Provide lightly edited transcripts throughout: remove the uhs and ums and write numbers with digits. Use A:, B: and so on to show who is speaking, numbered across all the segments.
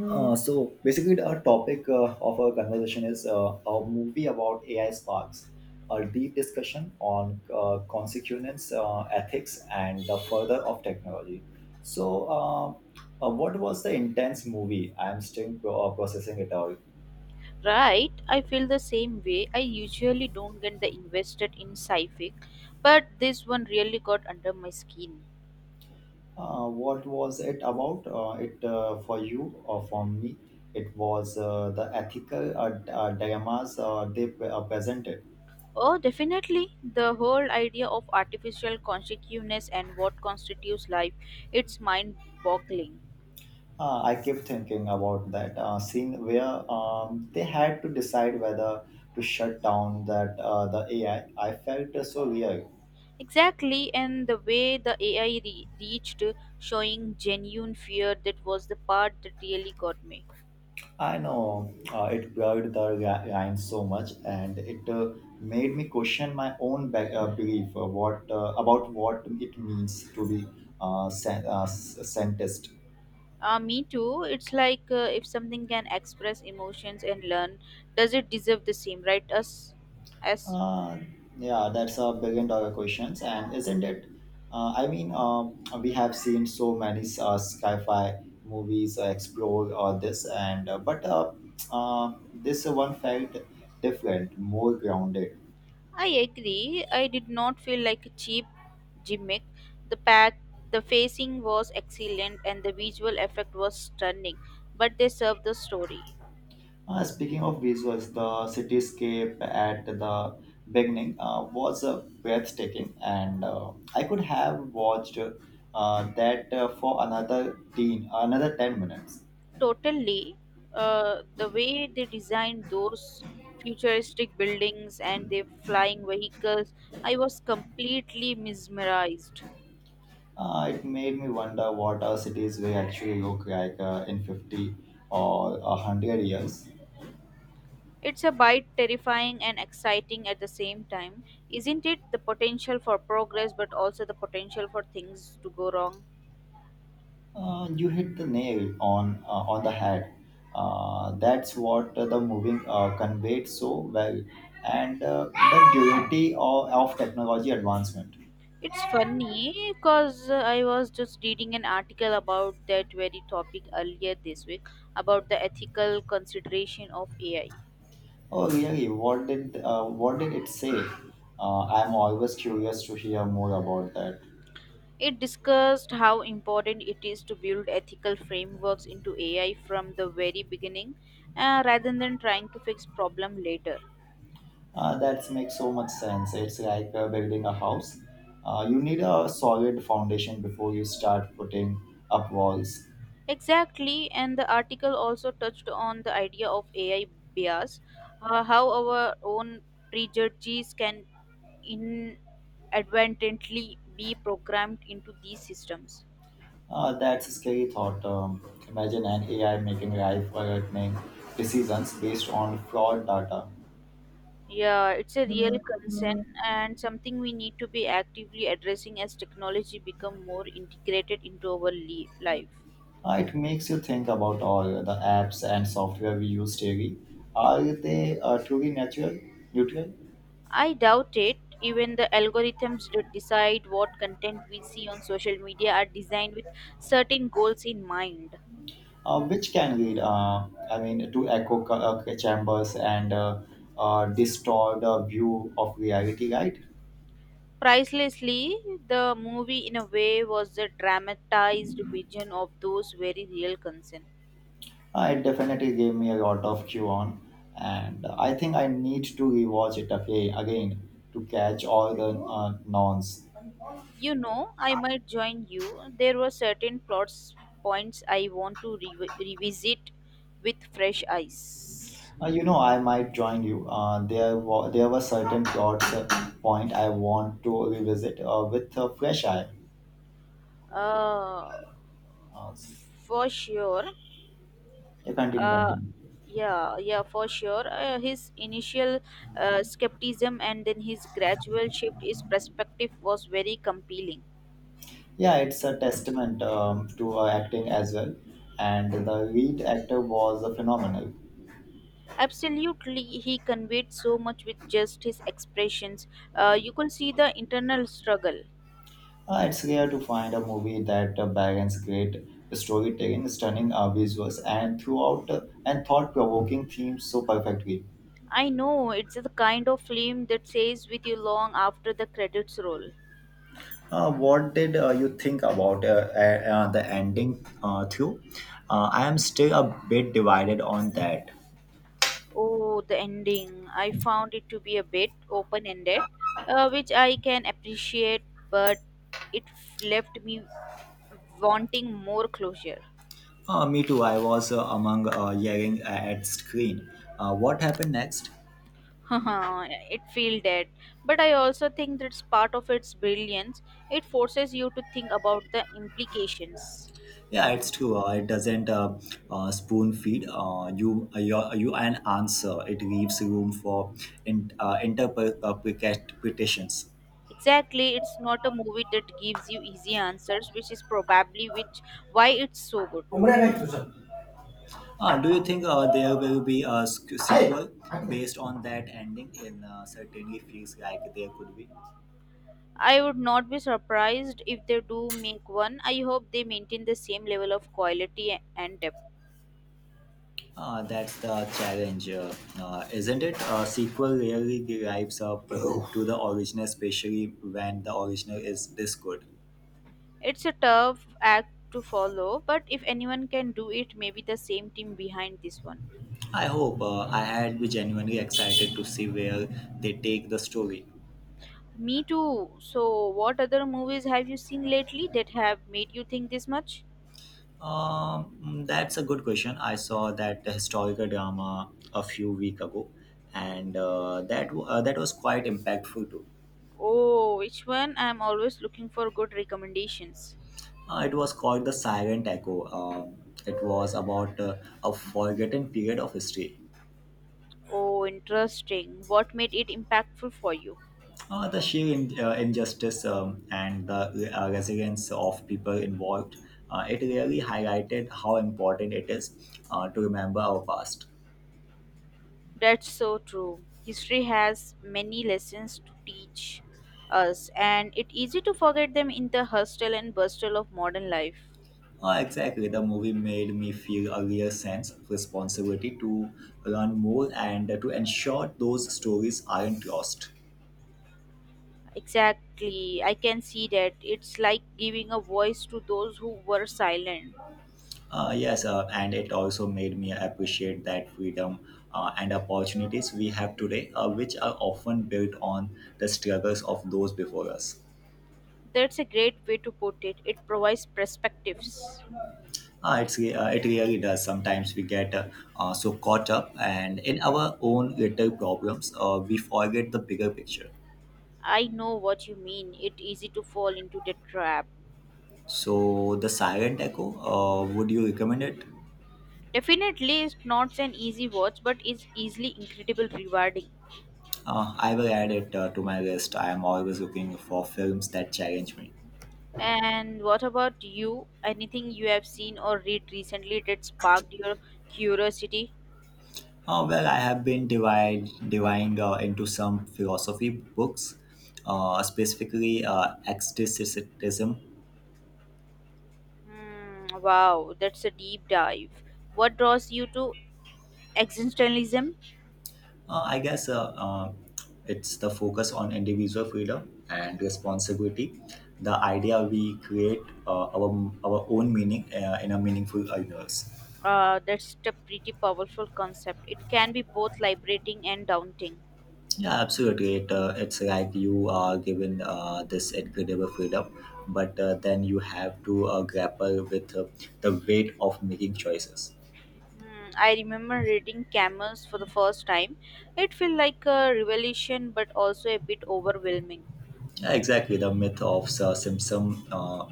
A: So basically, our topic of our conversation is a movie about AI sparks, a deep discussion on consequence, ethics, and the further of technology. So, um, what was the intense movie? I'm still processing it out.
B: Right, I feel the same way. I usually don't get the invested in sci-fi, but this one really got under my skin.
A: What was it about? It for you or for me? It was the ethical dilemmas they presented.
B: Oh, definitely. The whole idea of artificial consciousness and what constitutes life, it's mind-boggling.
A: I kept thinking about that scene where they had to decide whether to shut down that the AI. I felt so weird.
B: Exactly, and the way the AI reached showing genuine fear that was the part that really got me.
A: I know it blurred the line so much, and it made me question my own belief what about what it means to be scientist.
B: Me too. It's like if something can express emotions and learn, does it deserve the same right as
A: Uh, yeah, that's a billion dollar questions, and isn't it? I mean, we have seen so many sci-fi movies explore this, and but this one felt different, more grounded.
B: I agree. I did not feel like a cheap gimmick. The pack, the facing was excellent, and the visual effect was stunning. But they served the story
A: Speaking of visuals, the cityscape at the beginning was breathtaking, and I could have watched that for another ten minutes.
B: totally. The way they designed those futuristic buildings and their flying vehicles, I was completely mesmerized.
A: It made me wonder what our cities will actually look like in 50 or 100 years.
B: It's a bit terrifying and exciting at the same time, isn't it? The potential for progress, but also the potential for things to go wrong.
A: You hit the nail on on the head. That's what the movie conveyed so well, and the duality of technology advancement.
B: It's funny because I was just reading an article about that very topic earlier this week about the ethical consideration of AI.
A: Oh, really? What did what did it say? I'm always curious to hear more about that.
B: It discussed how important it is to build ethical frameworks into AI from the very beginning, rather than trying to fix problem later.
A: That makes so much sense. It's like building a house. You need a solid foundation before you start putting up walls.
B: Exactly, and the article also touched on the idea of AI bias, how our own prejudices can inadvertently be programmed into these systems.
A: That's a scary thought. Imagine an AI making life-threatening decisions based on flawed data.
B: Yeah, it's a real
A: Uh,
B: concern and something we need to be actively addressing as technology become more integrated into our life.
A: it makes you think about all the apps and software we use daily. Are they truly natural, neutral?
B: I doubt it. Even the algorithms that decide what content we see on social media are designed with certain goals in mind.
A: Which can lead, I mean, to echo chambers and distort the view of reality, right?
B: Pricelessly, the movie, in a way, was a dramatized vision of those very real concerns.
A: It definitely gave me a lot of cue on, and I think I need to rewatch it again to catch all the nonce.
B: You know, I might join you. There were certain plot points I want to revisit with fresh eyes.
A: You know, I might join you. There were certain plots point I want to revisit with a fresh eye.
B: Uh,
A: Uh,
B: for sure.
A: you continue,
B: Uh,
A: continue.
B: yeah, yeah, for sure. His initial skepticism and then his gradual shift, his perspective was very compelling.
A: Yeah, it's a testament to her acting as well, and the lead actor was phenomenal.
B: Absolutely, he conveyed so much with just his expressions. You could see the internal struggle.
A: It's rare to find a movie that balances great storytelling, stunning visuals, and throughout and thought-provoking themes so perfectly.
B: I know it's the kind of film that stays with you long after the credits roll.
A: What did you think about the ending, Theo? I am still a bit divided on that.
B: Oh, the ending. I found it to be a bit open ended, which I can appreciate, but it left me wanting more closure.
A: Me too. I was among yelling at screen. What happened next?
B: it feel dead. But I also think that's part of its brilliance. It forces you to think about the implications.
A: Yeah, it's true. It doesn't spoon feed you an answer. It leaves room for interpretations.
B: Exactly, it's not a movie that gives you easy answers, which is probably which why it's so good.
A: Do you think there will be a sequel based on that ending? In Certainly feels like there could be.
B: I would not be surprised if they do make one. I hope they maintain the same level of quality and depth.
A: That's the challenge, isn't it? A sequel rarely lives up to the original, especially when the original is this good.
B: It's a tough act to follow, but if anyone can do it, maybe the same team behind this one.
A: I hope I had be genuinely excited to see where they take the story.
B: Me too. So, what other movies have you seen lately that have made you think this much?
A: That's a good question. I saw that historical drama a few week ago, and that was quite impactful too.
B: Oh, which one? I'm always looking for good recommendations.
A: It was called the Silent Echo. It was about a forgotten period of history.
B: Oh, interesting. What made it impactful for you?
A: The sheer injustice and the resilience of people involved. It really highlighted how important it is to remember our past.
B: That's so true. History has many lessons to teach us, and it's easy to forget them in the hustle and bustle of modern life.
A: Ah, exactly. The movie made me feel a real sense of responsibility to learn more and to ensure those stories aren't lost.
B: Exactly, I can see that. It's like giving a voice to those who were silent.
A: Yes, and it also made me appreciate that freedom and opportunities we have today, which are often built on the struggles of those before us.
B: That's a great way to put it. It provides perspectives.
A: It really does. Sometimes we get so caught up and in our own little problems, we forget the bigger picture.
B: I know what you mean. It's easy to fall into the trap.
A: So the silent echo, would you recommend it?
B: Definitely, it's not an easy watch, but it's easily incredible rewarding.
A: I will add it to my list. I am always looking for films that challenge me.
B: And what about you? Anything you have seen or read recently that sparked your curiosity?
A: Well, I have been diving into some philosophy books, specifically Agnosticism.
B: Hmm, wow, that's a deep dive. What draws you to existentialism?
A: I guess it's the focus on individual freedom and responsibility. The idea we create our own meaning in a meaningful universe.
B: That's a pretty powerful concept. It can be both liberating and daunting.
A: Yeah, absolutely. It's like you are given this incredible freedom, but then you have to grapple with the weight of making choices.
B: Hmm, I remember reading Camels for the first time. It felt like a revelation but also a bit overwhelming.
A: Yeah, exactly. The myth of Simpson,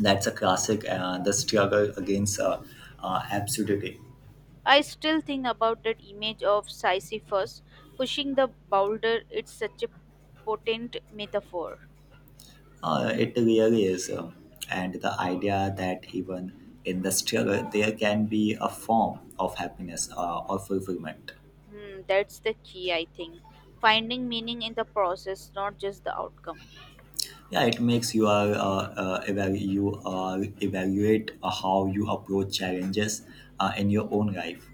A: that's a classic, and the struggle against absurdity.
B: I still think about that image of Sisyphus pushing the boulder. It's such a potent metaphor.
A: It really is. And the idea that even in the struggle, there can be a form of happiness or fulfillment.
B: Hmm, that's the key, I think. Finding meaning in the process, not just the outcome.
A: Yeah, it makes you are evalu- you evaluate how you approach challenges in your own life.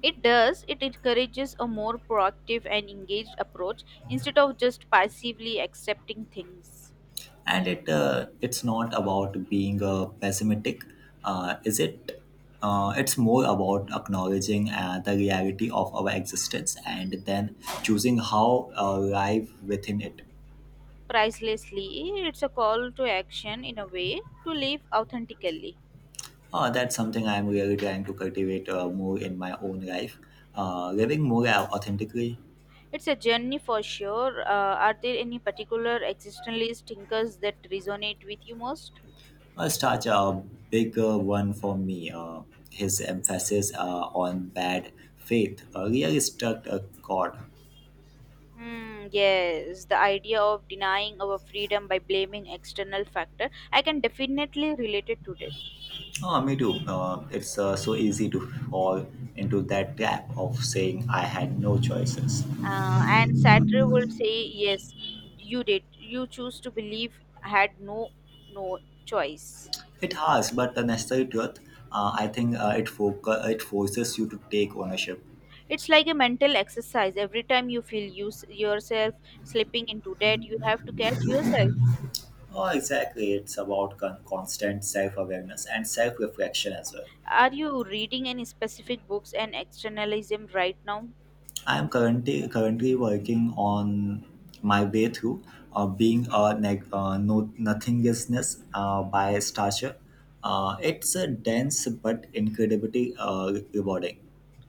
B: It does, it encourages a more proactive and engaged approach instead of just passively accepting things.
A: And it it's not about being pessimistic, is it? It's more about acknowledging the reality of our existence, and then choosing how live within it.
B: Pricelessly, it's a call to action in a way to live authentically.
A: That's something I'm really trying to cultivate more in my own life, living more authentically.
B: It's a journey for sure. Are there any particular existentialist thinkers that resonate with you most?
A: Such a big one for me. His emphasis on bad faith really struck a chord.
B: Hmm, yes, the idea of denying our freedom by blaming external factor. I can definitely relate it to that.
A: Oh, me too. It's so easy to fall into that trap of saying I had no choices.
B: And Sartre would say, yes, you did. You choose to believe had no no choice.
A: It has, but the necessary truth. I think it forces you to take ownership.
B: It's like a mental exercise. Every time you feel you, yourself slipping into debt, you have to catch yourself.
A: Oh, exactly. It's about constant self awareness and self reflection as well.
B: Are you reading any specific books and externalism right now?
A: I'm currently working on my way through being a neg- no, nothingness by Starcher. It's a dense but incredibly rewarding.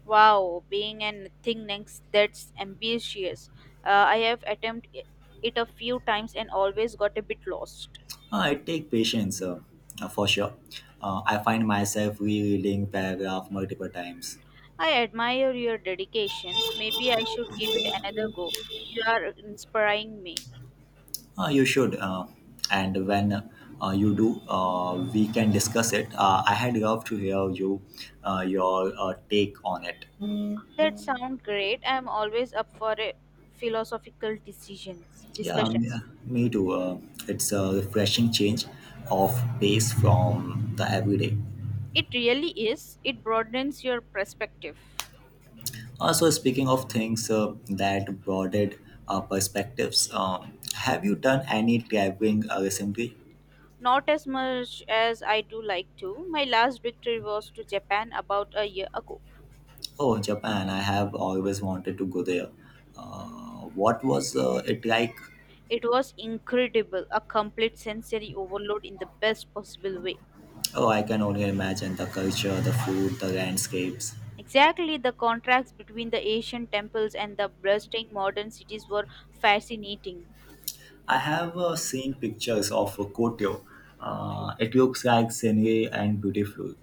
B: Wow, being an thing next that's ambitious. I have attempted it a few times and always got a bit lost.
A: It takes patience, for sure. I find myself rereading paragraph multiple times.
B: I admire your dedications. Maybe I should give it another go. You are inspiring me.
A: You should, and when you do, we can discuss it. I had loved to hear your take on it.
B: That sounds great. I am always up for a philosophical decisions
A: Yeah, me
B: discussions.
A: me too. It's a refreshing change of pace from the everyday.
B: It really is. It broadens your perspective.
A: Also, speaking of things that broadened our perspectives, have you done any traveling recently?
B: Not as much as I do like to. My last victory was to Japan about a year ago.
A: Oh, Japan! I have always wanted to go there. What was it like?
B: It was incredible, a complete sensory overload in the best possible way.
A: Oh, I can only imagine the culture, the food, the landscapes.
B: Exactly, the contrast between the Asian temples and the bustling modern cities were fascinating.
A: I have seen pictures of Kyoto. It looks like scenery and beautiful.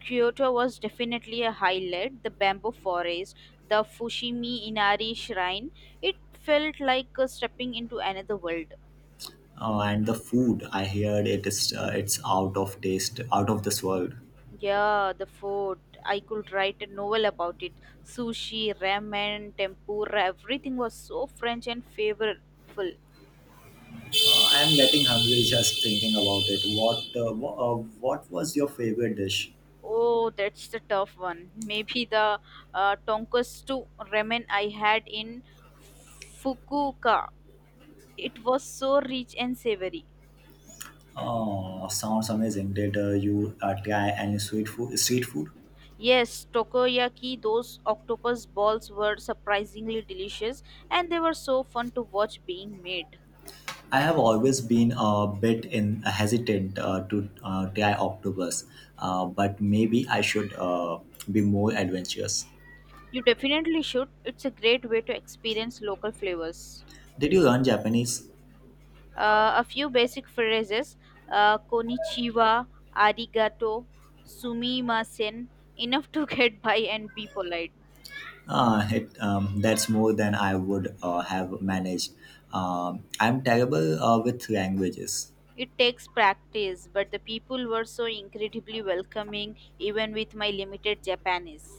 B: Kyoto was definitely a highlight. The bamboo forest, the Fushimi Inari shrine, it felt like stepping into another world.
A: And the food, I heard it is it's out of taste, out of this world.
B: Yeah, the food. I could write a novel about it. Sushi, ramen, tempura, everything was so French and flavorful.
A: I'm getting hungry just thinking about it. What what was your favorite dish?
B: Oh, that's the tough one. Maybe the tonkatsu ramen I had in Fukuoka. It was so rich and savory.
A: Sounds amazing. Did you try any sweet food? Street food?
B: Yes, takoyaki, those octopus balls were surprisingly delicious and they were so fun to watch being made.
A: I have always been a bit in hesitant to try octopus, but maybe I should, be more adventurous.
B: You definitely should. It's a great way to experience local flavors.
A: Did you learn Japanese?
B: A few basic phrases, konnichiwa, arigato, sumimasen, enough to get by and be polite.
A: That's more than I would have managed. I'm terrible with languages.
B: It takes practice, but the people were so incredibly welcoming even with my limited Japanese.